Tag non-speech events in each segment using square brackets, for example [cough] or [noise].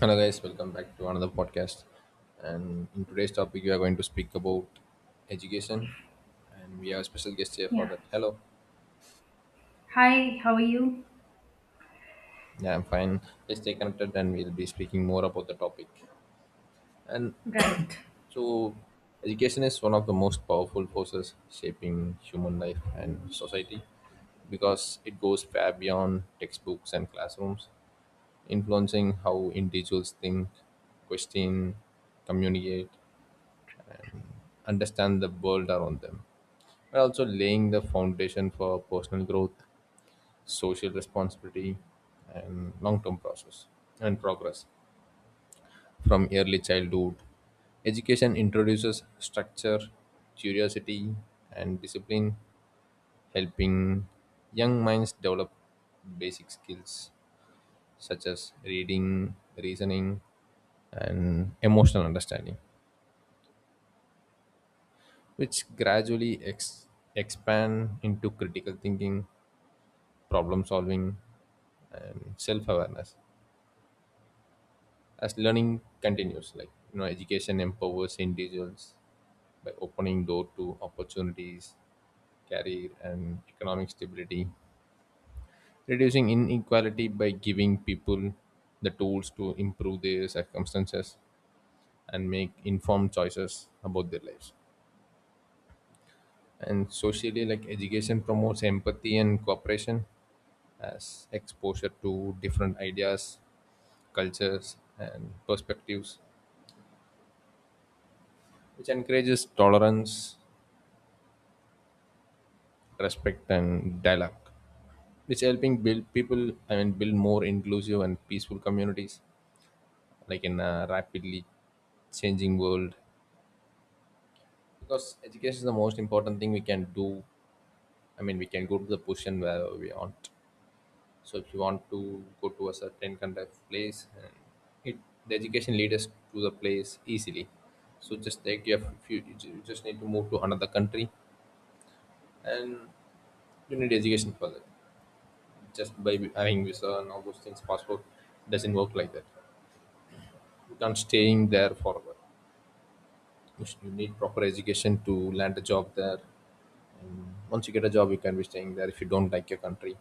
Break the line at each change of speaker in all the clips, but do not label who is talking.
Hello, guys, welcome back to another podcast. And in today's topic, we are going to speak about education. And we have a special guest here for
Yeah.
that. Hello.
Hi, how are you?
Yeah, I'm fine. Let's stay connected and we'll be speaking more about the topic. And
Right.
so, education is one of the most powerful forces shaping human life and society because it goes far beyond textbooks and classrooms, influencing how individuals think, question, communicate, understand the world around them, but also laying the foundation for personal growth, social responsibility, and long term process and progress from early childhood. Education introduces structure, curiosity, and discipline, helping young minds develop basic skills such as reading, reasoning, and emotional understanding, which gradually expand into critical thinking, problem solving, and self awareness. As learning continues, like, education empowers individuals by opening door to opportunities, career and economic stability, reducing inequality by giving people the tools to improve their circumstances and make informed choices about their lives. And socially, like, education promotes empathy and cooperation as exposure to different ideas, cultures, and perspectives, which encourages tolerance, respect, and dialogue, which helping build people, I mean, build more inclusive and peaceful communities, like in a rapidly changing world, because education is the most important thing we can do. I mean, we can go to the position where we want. So if you want to go to a certain kind of place, and it the education lead us to the place easily. So just take your few. You just need to move to another country and you need education for that. Just by having visa and all those things, passport, doesn't work like that. You can't staying there forever. You need proper education to land a job there, and once you get a job, you can be staying there if you don't like your country.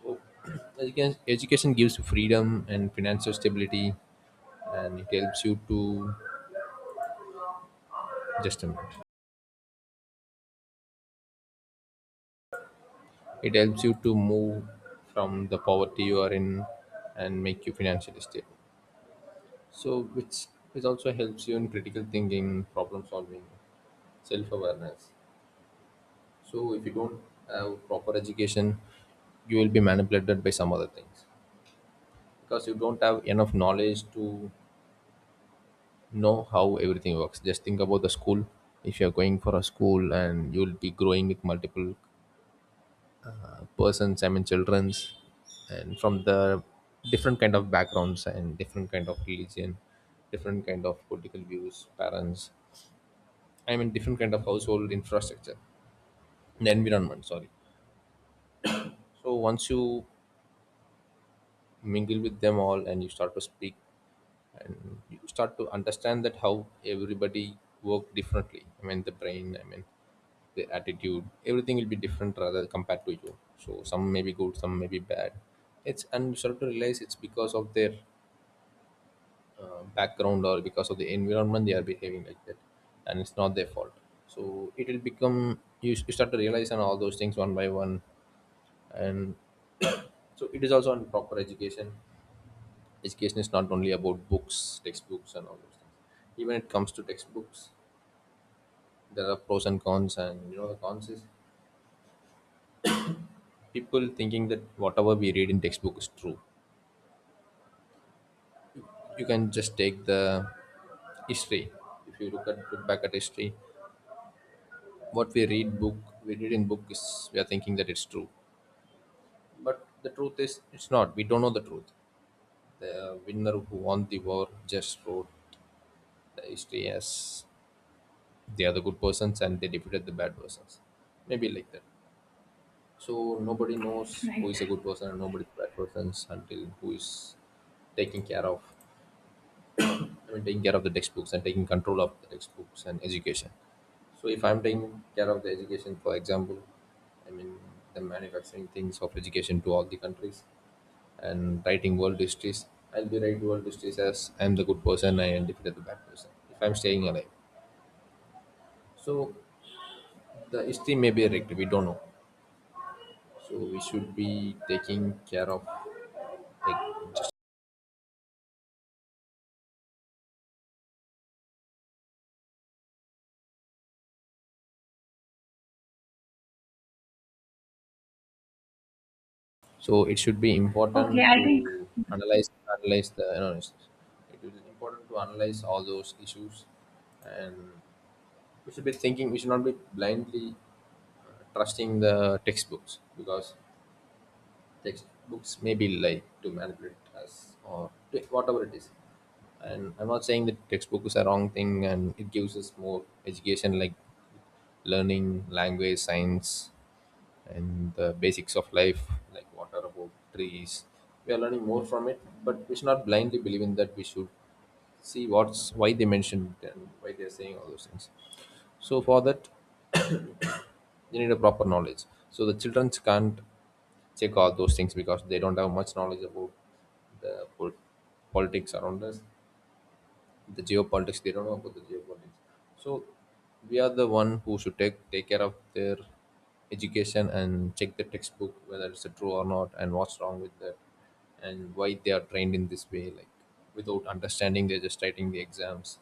So, [clears throat] education gives you freedom and financial stability, and it helps you to, just a minute, it helps you to move from the poverty you are in and make you financially stable. So, which also helps you in critical thinking, problem solving, self-awareness. So if you don't have proper education, you will be manipulated by some other things, because you don't have enough knowledge to know how everything works. Just think about the school. If you're going for a school, and you'll be growing with multiple persons, I mean, children's, and from the different kind of backgrounds and different kind of religion, different kind of political views, parents, I mean, different kind of household infrastructure, the environment, sorry. So once you mingle with them all and you start to speak, and you start to understand that how everybody work differently, I mean the brain, I mean the attitude, everything will be different rather compared to you. So some may be good, some may be bad. It's And you start to realize it's because of their background, or because of the environment, they are behaving like that, and it's not their fault. So it will become You start to realize on all those things one by one. And so it is also on proper education. Education is not only about books, textbooks, and all those things. Even it comes to textbooks, there are pros and cons, and you know the cons is people thinking that whatever we read in textbook is true. You can just take the history. If you look back at history, what we read in book is, we are thinking that it's true, but the truth is it's not. We don't know the truth. The winner who won the war just wrote the history as they are the good persons and they defeated the bad persons. Maybe like that. So nobody knows who
Right.
is a good person and nobody bad persons until who is taking care of, I mean, taking care of the textbooks and taking control of the textbooks and education. So if I'm taking care of the education, for example, I mean, the manufacturing things of education to all the countries and writing world histories, I'll be writing world histories as I'm the good person and defeated the bad person, if I'm staying alive. So the history may be erect, we don't know. So we should be taking care of, like. It should be
Okay,
important
I think
to analyze, analyze the you know, it's- it is important to analyze all those issues, and we should be thinking. We should not be blindly trusting the textbooks, because textbooks may be lied to manipulate us, whatever it is. And I'm not saying that textbook is a wrong thing, and it gives us more education, like learning, language, science, and the basics of life, like what are about trees. We are learning more from it, but we should not blindly believe in that. We should see what's why they mentioned it and why they are saying all those things. So for that, [coughs] they need a proper knowledge. So the children can't check all those things because they don't have much knowledge about the politics around us, the geopolitics. They don't know about the geopolitics. So we are the one who should take care of their education and check the textbook whether it's a true or not and what's wrong with that and why they are trained in this way, like, without understanding they're just writing the exams.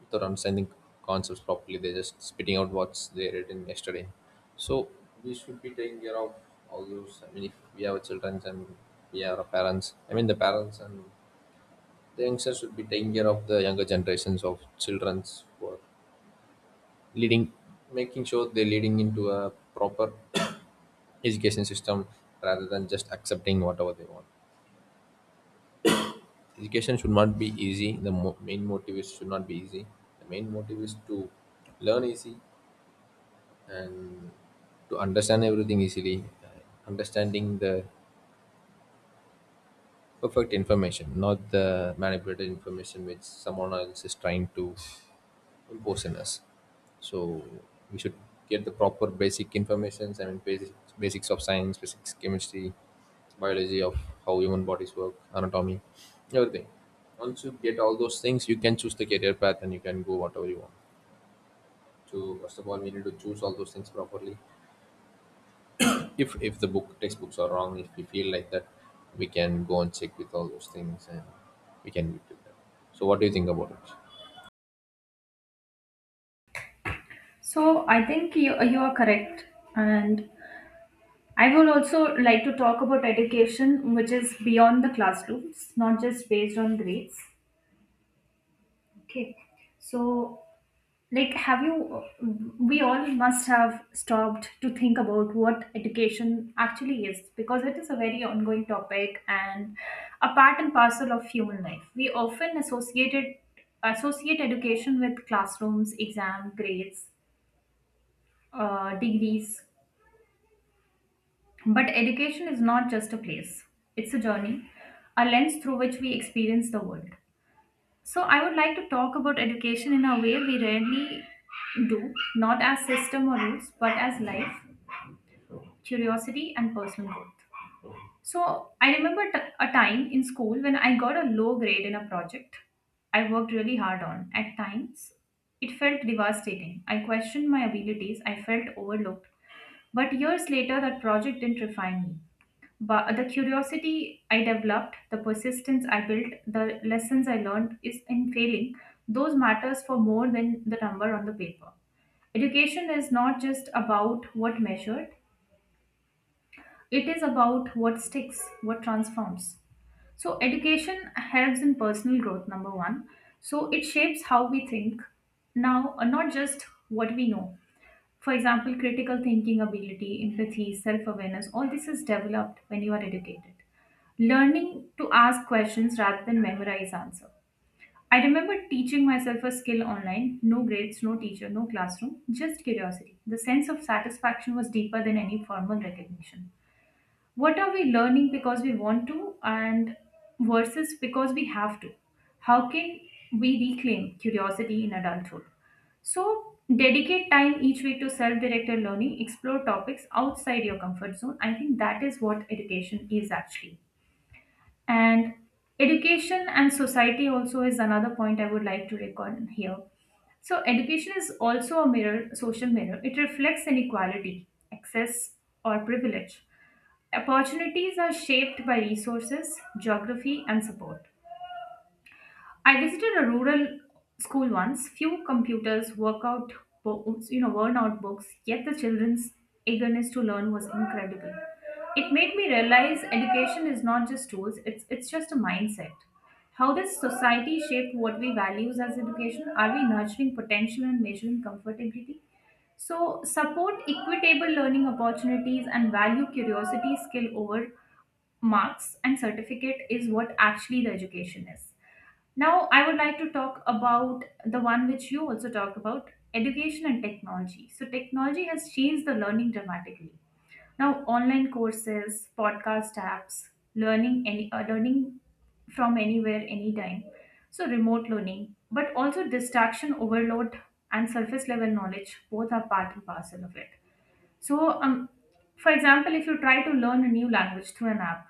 Without understanding concepts properly, they're just spitting out what's they read in yesterday. So we should be taking care of all those, I mean, if we have children and we are parents, I mean the parents and the youngsters should be taking care of the younger generations of childrens for leading, making sure they're leading into a proper [coughs] education system, rather than just accepting whatever they want. Education should not be easy. The main motive is should not be easy. The main motive is to learn easy and to understand everything easily. Understanding the perfect information, not the manipulated information which someone else is trying to poisonous. So we should get the proper basic informations. I mean, basics of science, physics, chemistry, biology, of how human bodies work, anatomy, everything. Once you get all those things, you can choose the career path and you can go whatever you want. So first of all, we need to choose all those things properly. If the book textbooks are wrong, if we feel like that, we can go and check with all those things, and we can meet with them. So what do you think about it?
so. I think you are correct, and I will also like to talk about education, which is beyond the classrooms, not just based on grades. Okay, so like, have you? We all must have stopped to think about what education actually is because it is a very ongoing topic and a part and parcel of human life. We often associate education with classrooms, exam, grades, degrees, but education is not just a place; it's a journey, a lens through which we experience the world. So I would like to talk about education in a way we rarely do, not as system or rules, but as life, curiosity, and personal growth. So a time in school when I got a low grade in a project I worked really hard on. At times, it felt devastating. I questioned my abilities, I felt overlooked. But years later, that project didn't refine me. But the curiosity I developed, the persistence I built, the lessons I learned is in failing. Those matters for more than the number on the paper. Education is not just about what measured, it is about what sticks, what transforms. So, education helps in personal growth, number one. So, it shapes how we think now, not just what we know. For example, critical thinking ability, empathy, self awareness, all this is developed when you are educated. Learning to ask questions rather than memorize answer. I remember teaching myself a skill online, no grades, no teacher, no classroom, just curiosity. The sense of satisfaction was deeper than any formal recognition. What are we learning? Because we want to and versus because we have to. How can we reclaim curiosity in adulthood? So dedicate time each week to self-directed learning, explore topics outside your comfort zone. I think that is what education is actually. And education and society also is another point I would like to record here. So education is also a mirror, social mirror. It reflects inequality, access, or privilege. Opportunities are shaped by resources, geography, and support. I visited a rural school once. Few computers, workout, you know, worn-out books. Yet the children's eagerness to learn was incredible. It made me realize education is not just tools; it's just a mindset. How does society shape what we values as education? Are we nurturing potential and measuring comfortability? So, support equitable learning opportunities and value curiosity skill over marks and certificate is what actually the education is. Now, I would like to talk about the one which you also talked about, education and technology. So, technology has changed the learning dramatically. Now, online courses, podcast apps, learning any learning from anywhere, anytime. So, remote learning, but also distraction overload and surface level knowledge, both are part and parcel of it. So, for example, if you try to learn a new language through an app,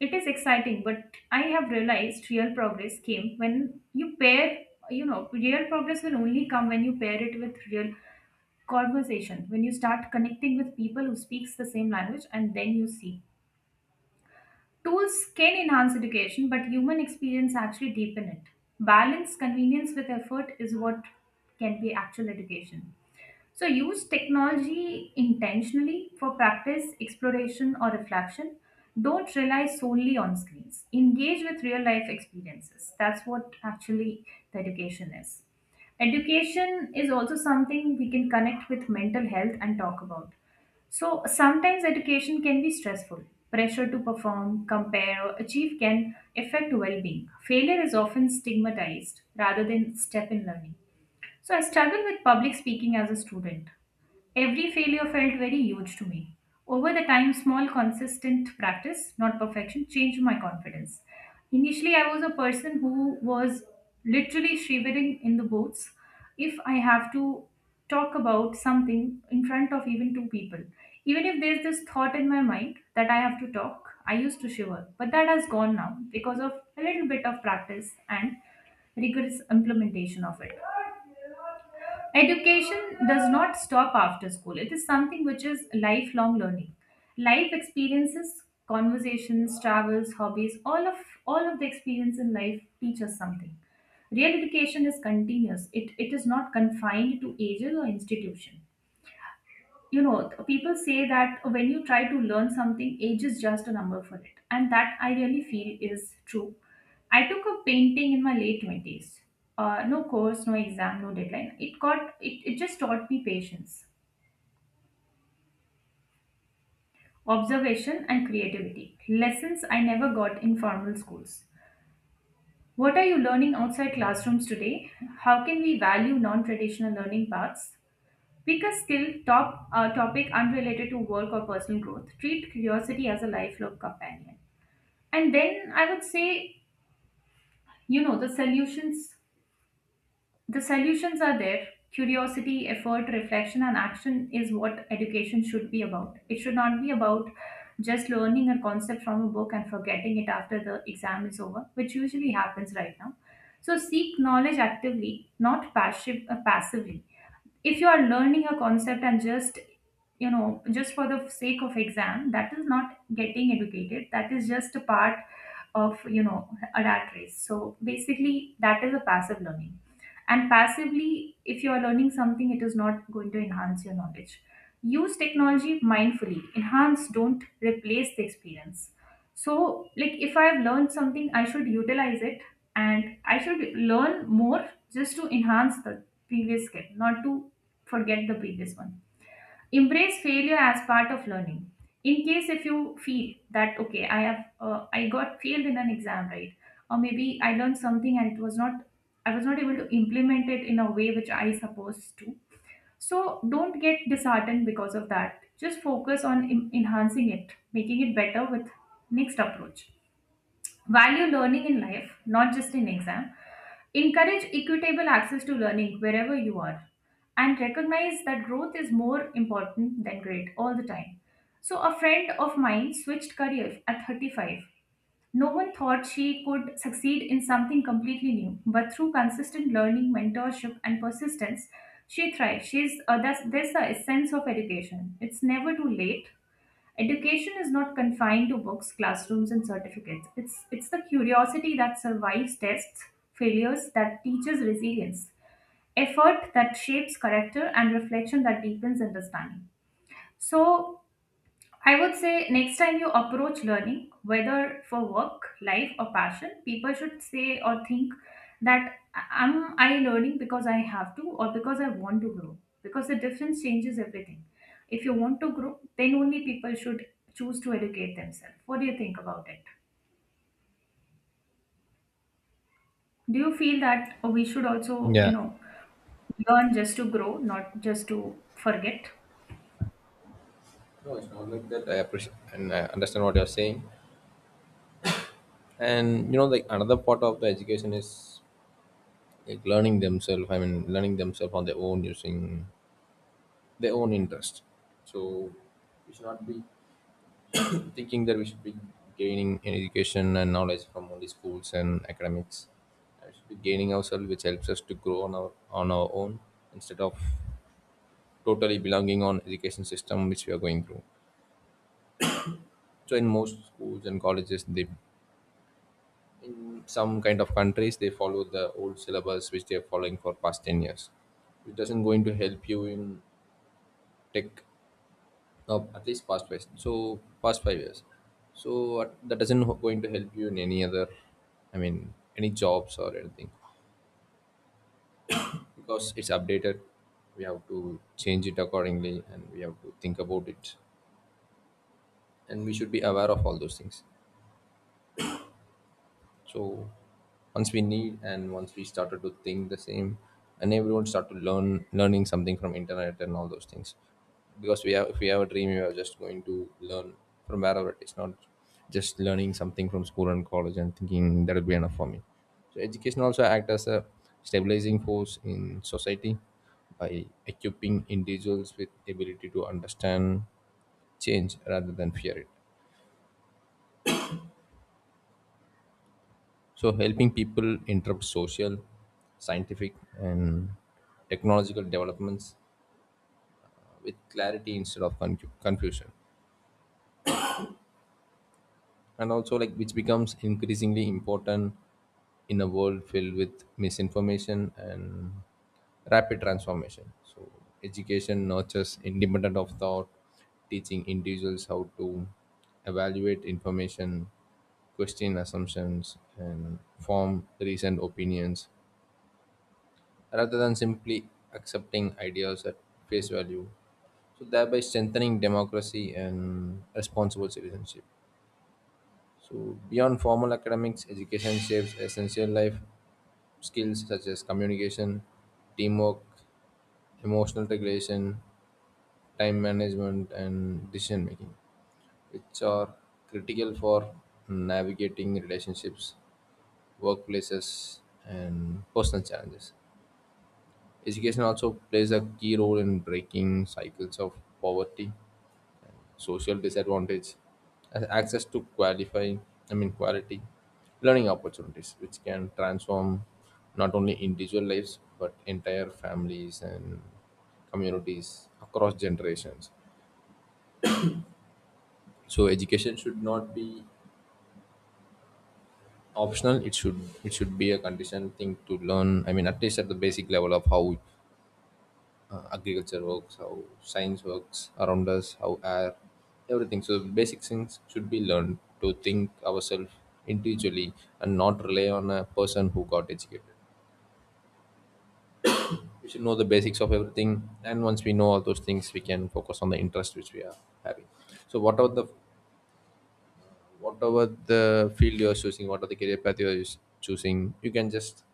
it is exciting, but I have realized real progress came when you pair, you know, real progress will only come when you pair it with real conversation, when you start connecting with people who speaks the same language and then you see. Tools can enhance education, but human experience actually deepen it. Balance convenience with effort is what can be actual education. So use technology intentionally for practice, exploration, or reflection. Don't rely solely on screens. Engage with real life experiences. That's what actually the education is. Education is also something we can connect with mental health and talk about. So sometimes education can be stressful. Pressure to perform, compare, or achieve can affect well being. Failure is often stigmatized rather than step in learning. So I struggled with public speaking as a student. Every failure felt very huge to me. Over the time, small, consistent practice, not perfection, changed my confidence. Initially, I was a person who was literally shivering in the boots if I have to talk about something in front of even two people. Even if there's this thought in my mind that I have to talk, I used to shiver. But that has gone now because of a little bit of practice and rigorous implementation of it. Education does not stop after school. It is something which is lifelong learning. Life experiences, conversations, travels, hobbies, all of the experience in life teach us something. Real education is continuous. It is not confined to ages or institution. You know, people say that when you try to learn something, age is just a number for it, and that I really feel is true. I took a painting in my late 20s, no course, no exam, no deadline. It just taught me patience, observation, and creativity, lessons I never got in formal schools. What are you learning outside classrooms today? How can we value non-traditional learning paths? Pick a skill, topic unrelated to work or personal growth. Treat curiosity as a lifelong companion. And then I would say, you know, the solutions are there. Curiosity, effort, reflection, and action is what education should be about. It should not be about just learning a concept from a book and forgetting it after the exam is over, which usually happens right now. So seek knowledge actively, not passively. If you are learning a concept and just, you know, just for the sake of exam, that is not getting educated, that is just a part of, you know, a rat race. So basically, that is a passive learning, and passively, if you are learning something, it is not going to enhance your knowledge. Use technology mindfully, enhance, don't replace the experience. So, like, if I've learned something, I should utilize it and I should learn more just to enhance the previous skill, not to forget the previous one. Embrace failure as part of learning. In case if you feel that, okay, I got failed in an exam, right? Or maybe I learned something and it was not, I was not able to implement it in a way which I supposed to. So, don't get disheartened because of that. Just focus on enhancing it, making it better with next approach. Value learning in life, not just in exam. Encourage equitable access to learning wherever you are. And recognize that growth is more important than grade all the time. So, a friend of mine switched careers at 35. No one thought she could succeed in something completely new, but through consistent learning, mentorship, and persistence, she thrived. That's the essence of education. It's never too late. Education is not confined to books, classrooms, and certificates. It's the curiosity that survives tests, failures that teaches resilience, effort that shapes character, and reflection that deepens understanding. So, I would say next time you approach learning, whether for work, life, or passion, people should say or think that, am I learning because I have to or because I want to grow? Because the difference changes everything. If you want to grow, then only people should choose to educate themselves. What do you think about it? Do you feel that we should also, you
Yeah.
know, learn just to grow, not just to forget?
No, it's not like that. I appreciate and I understand what you're saying. And like another part of the education is like learning themselves, I mean, learning themselves on their own using their own interest. So we should not be [clears throat] thinking that we should be gaining an education and knowledge from only schools and academics. We should be gaining ourselves, which helps us to grow on our own, instead of totally belonging on education system which we are going through. So in most schools and colleges, they in some kind of countries, they follow the old syllabus which they're following for past 10 years. It doesn't going to help you in tech at least past 5 years. So that doesn't going to help you in any other, I mean, any jobs or anything, because it's updated. We have to change it accordingly and we have to think about it, and we should be aware of all those things. So once we need and once we started to think the same, and everyone start to learning something from internet and all those things, because we have if we have a dream, we are just going to learn from wherever it is, not just learning something from school and college and thinking that will be enough for me. So education also act as a stabilizing force in society by equipping individuals with ability to understand change rather than fear it. So, helping people interrupt social, scientific, and technological developments with clarity instead of confusion. And also, like, which becomes increasingly important in a world filled with misinformation and rapid transformation. So education nurtures independent of thought, teaching individuals how to evaluate information, question assumptions, and form recent opinions rather than simply accepting ideas at face value, so thereby strengthening democracy and responsible citizenship. So, beyond formal academics, education shapes essential life skills such as communication, teamwork, emotional regulation, time management, and decision making, which are critical for navigating relationships, workplaces, and personal challenges. Education also plays a key role in breaking cycles of poverty, social disadvantage, and access to qualify, I mean, quality learning opportunities, which can transform not only individual lives but entire families and communities across generations. So education should not be optional. it should be a conditioned thing to learn. I mean, at least at the basic level of how agriculture works, how science works around us, how air, everything. So basic things should be learned to think ourselves individually and not rely on a person who got educated. We should know the basics of everything, and once we know all those things, we can focus on the interest which we are having. So whatever the field you are choosing, whatever the career path you are choosing, you can just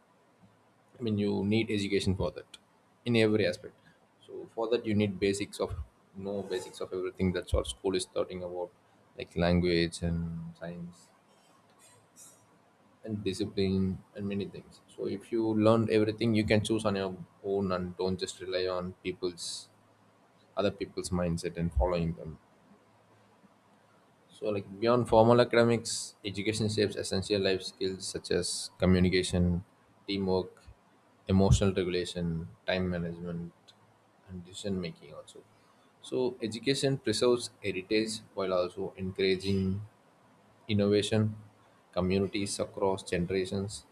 I mean, you need education for that in every aspect. So for that, you need basics of, know basics of everything. That's what school is talking about, like language and science and discipline and many things. So if you learn everything, you can choose on your own, and don't just rely on people's other people's mindset and following them. So, like, beyond formal academics, education shapes essential life skills such as communication, teamwork, emotional regulation, time management, and decision making. Also, so education preserves heritage while also encouraging innovation, communities across generations,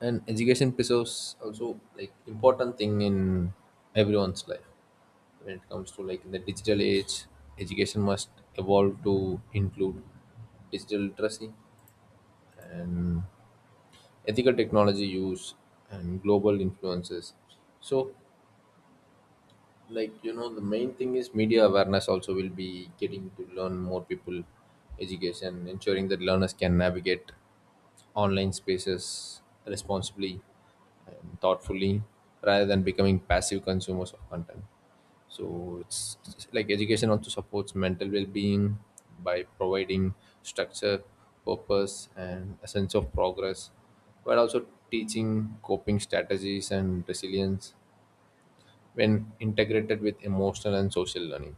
and education preserves also like important thing in everyone's life, when it comes to, like, in the digital age, education must evolve to include digital literacy and ethical technology use and global influences. So, like, the main thing is media awareness, also will be getting to learn more people, education ensuring that learners can navigate online spaces responsibly and thoughtfully rather than becoming passive consumers of content. So, it's like education also supports mental well-being by providing structure, purpose, and a sense of progress, while also teaching coping strategies and resilience when integrated with emotional and social learning.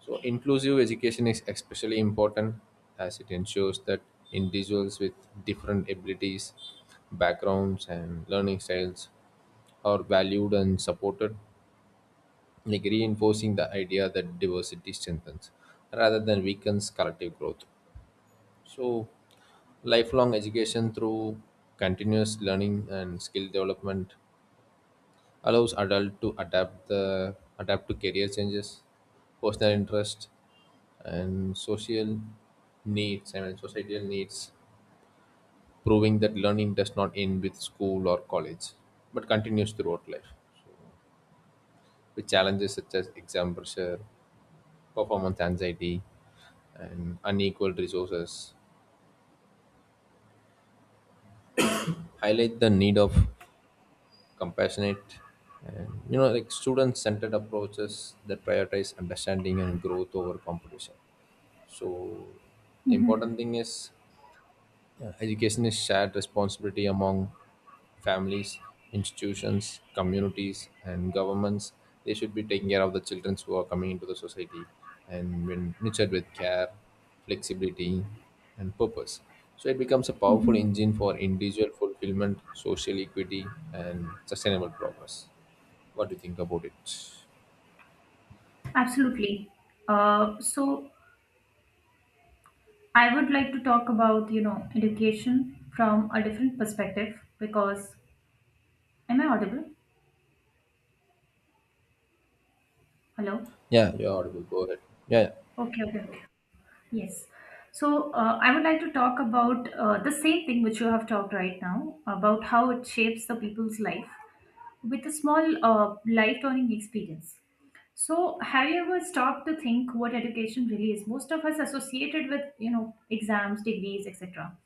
So, inclusive education is especially important, as it ensures that individuals with different abilities, backgrounds, and learning styles are valued and supported, like reinforcing the idea that diversity strengthens rather than weakens collective growth. So, lifelong education through continuous learning and skill development allows adult to adapt to career changes, personal interest, and social needs, I mean, societal needs, proving that learning does not end with school or college, but continues throughout life, with challenges such as exam pressure, performance anxiety, and unequal resources. Highlight the need of compassionate and, like, student centered approaches that prioritize understanding and growth over competition. So the important thing is, education is shared responsibility among families, institutions, communities, and governments. They should be taking care of the children who are coming into the society, and when nurtured with care, flexibility, and purpose, so it becomes a powerful
Mhm.
engine for individual fulfillment, social equity, and sustainable progress. What do you think about it?
Absolutely. So I would like to talk about, you know, education from a different perspective because am I audible? Hello?
Yeah, you're audible. Go ahead. Yeah, yeah.
Okay, okay, okay. Yes. So I would like to talk about the same thing which you have talked right now about how it shapes the people's life with a small life-turning experience. So have you ever stopped to think what education really is? Most of us associated with, you know, exams, degrees, etc.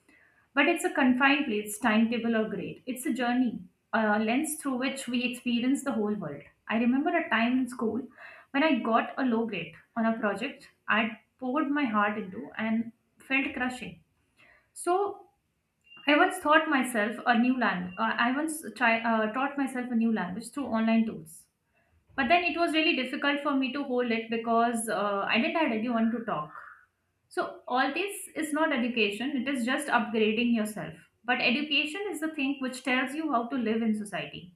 But it's a confined place, timetable, or grade. It's a journey, a lens through which we experience the whole world. I remember a time in school when I got a low grade on a project I'd poured my heart into and felt crushing. So I once taught myself a new language. Taught myself a new language through online tools. But then it was really difficult for me to hold it because I didn't have anyone to talk. So, all this is not education, it is just upgrading yourself. But education is the thing which tells you how to live in society.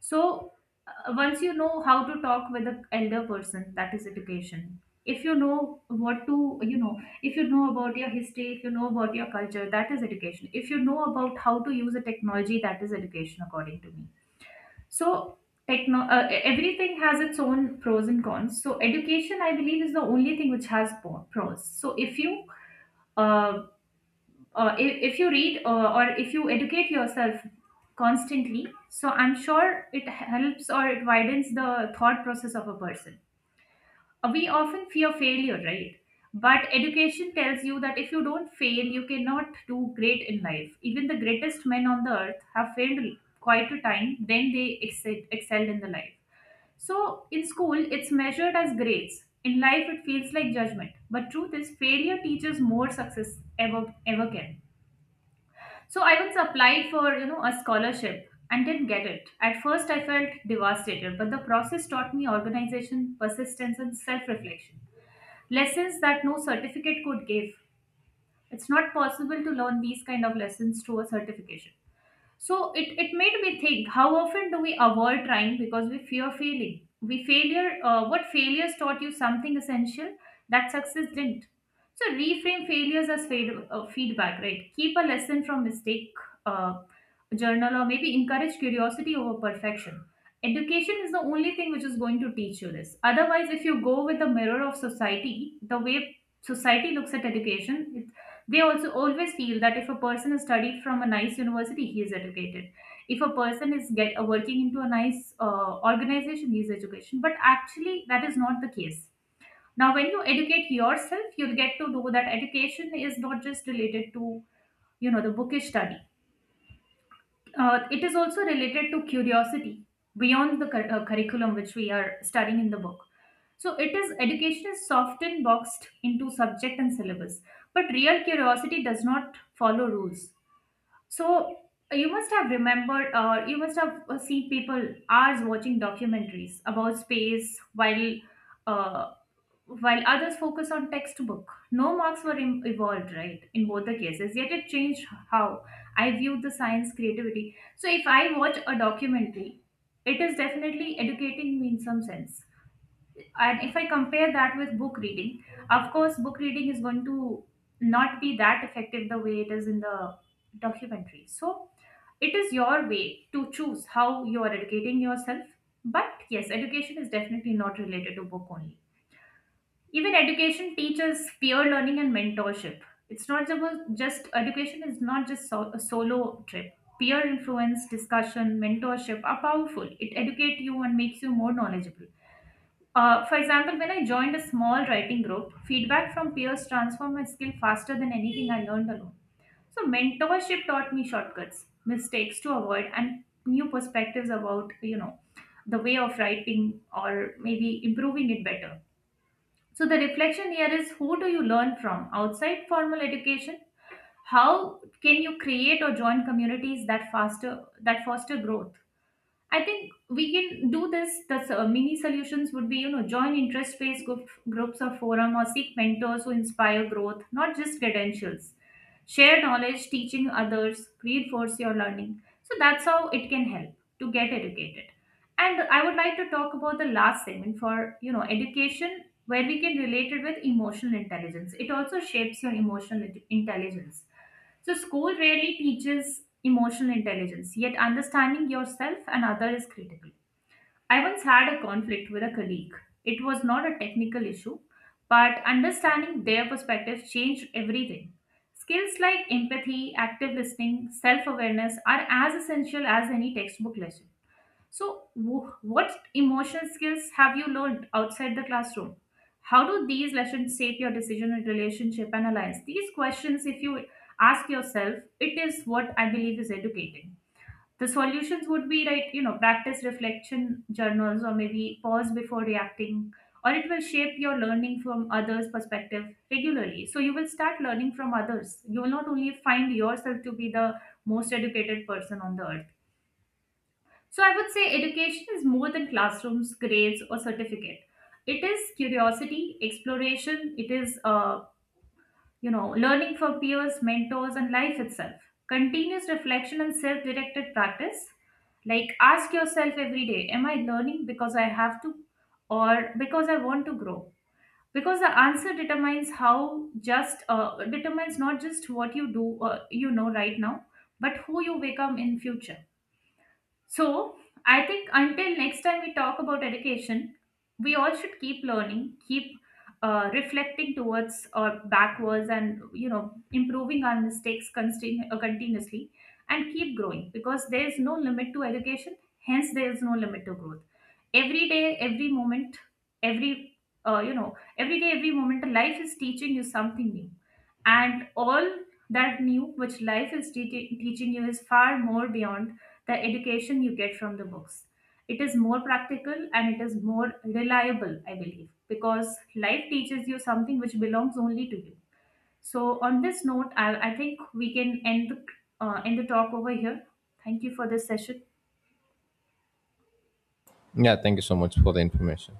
So, once you know how to talk with an elder person, that is education. If you know what to, you know, if you know about your history, if you know about your culture, that is education. If you know about how to use a technology, that is education, according to me. So everything has its own pros and cons. So education, I believe, is the only thing which has pros. So uh, if you read uh,, or if you educate yourself constantly, so I'm sure it helps or it widens the thought process of a person. We often fear failure, right? But education tells you that if you don't fail, you cannot do great in life. Even the greatest men on the earth have failed quite a time, then they excelled in the life. So in school, it's measured as grades. In life, it feels like judgment. But truth is, failure teaches more success ever can. So I once applied for a scholarship and didn't get it. At first, I felt devastated, but the process taught me organization, persistence, and self-reflection lessons that no certificate could give. It's not possible to learn these kind of lessons through a certification. So it made me think, how often do we avoid trying because we fear failing? We failure What failures taught you something essential that success didn't? So reframe failures as feedback, right? Keep a lesson from mistake, uh, journal, or maybe encourage curiosity over perfection. Education is the only thing which is going to teach you this. Otherwise, if you go with the mirror of society, the way society looks at education, they also always feel that if a person is studied from a nice university, he is educated. If a person is get working into a nice organization, he is education. But actually, that is not the case. Now, when you educate yourself, you'll get to know that education is not just related to the bookish study. It is also related to curiosity beyond the curriculum which we are studying in the book. So it is education is often boxed into subject and syllabus, but real curiosity does not follow rules. So you must have remembered, or you must have seen people hours watching documentaries about space while uh, others focus on textbook. No marks were evolved, right, in both the cases, yet it changed how I viewed the science creativity. So if I watch a documentary, it is definitely educating me in some sense. And if I compare that with book reading, of course, book reading is going to not be that effective the way it is in the documentary. So it is your way to choose how you are educating yourself. But yes, education is definitely not related to book only. Even education teaches peer learning and mentorship. It's not about just, education is not just, so, a solo trip. Peer influence, discussion, mentorship are powerful. It educates you and makes you more knowledgeable. For example, when I joined a small writing group, feedback from peers transformed my skill faster than anything I learned alone. So mentorship taught me shortcuts, mistakes to avoid, and new perspectives about the way of writing or maybe improving it better. So the reflection here is, who do you learn from outside formal education? How can you create or join communities that foster growth? I think we can do this. The mini solutions would be, join interest-based groups or forum, or seek mentors who inspire growth, not just credentials. Share knowledge, teaching others, reinforce your learning. So that's how it can help to get educated. And I would like to talk about the last segment for, education, where we can relate it with emotional intelligence. It also shapes your emotional intelligence. So, school rarely teaches emotional intelligence, yet, understanding yourself and other is critical. I once had a conflict with a colleague. It was not a technical issue, but understanding their perspective changed everything. Skills like empathy, active listening, self awareness are as essential as any textbook lesson. So, what emotional skills have you learned outside the classroom? How do these lessons shape your decision and relationship analyze? These questions, if you ask yourself, it is what I believe is educating. The solutions would be right, practice reflection journals or maybe pause before reacting, or it will shape your learning from others' perspective regularly. So you will start learning from others. You will not only find yourself to be the most educated person on the earth. So I would say education is more than classrooms, grades, or certificate. It is curiosity, exploration. It is, learning from peers, mentors, and life itself. Continuous reflection and self-directed practice. Like ask yourself every day: am I learning because I have to, or because I want to grow? Because the answer determines how just determines not just what you do, right now, but who you become in future. So, I think until next time we talk about education, we all should keep learning, keep reflecting towards or backwards, and improving our mistakes continuously, and keep growing because there is no limit to education. Hence, there is no limit to growth. Every day, every moment, every you know every day, every moment, life is teaching you something new, and all that new which life is teaching you is far more beyond the education you get from the books. It is more practical and it is more reliable, I believe, because life teaches you something which belongs only to you. So, on this note, I think we can end the talk over here. Thank you for this session.
Yeah, thank you so much for the information.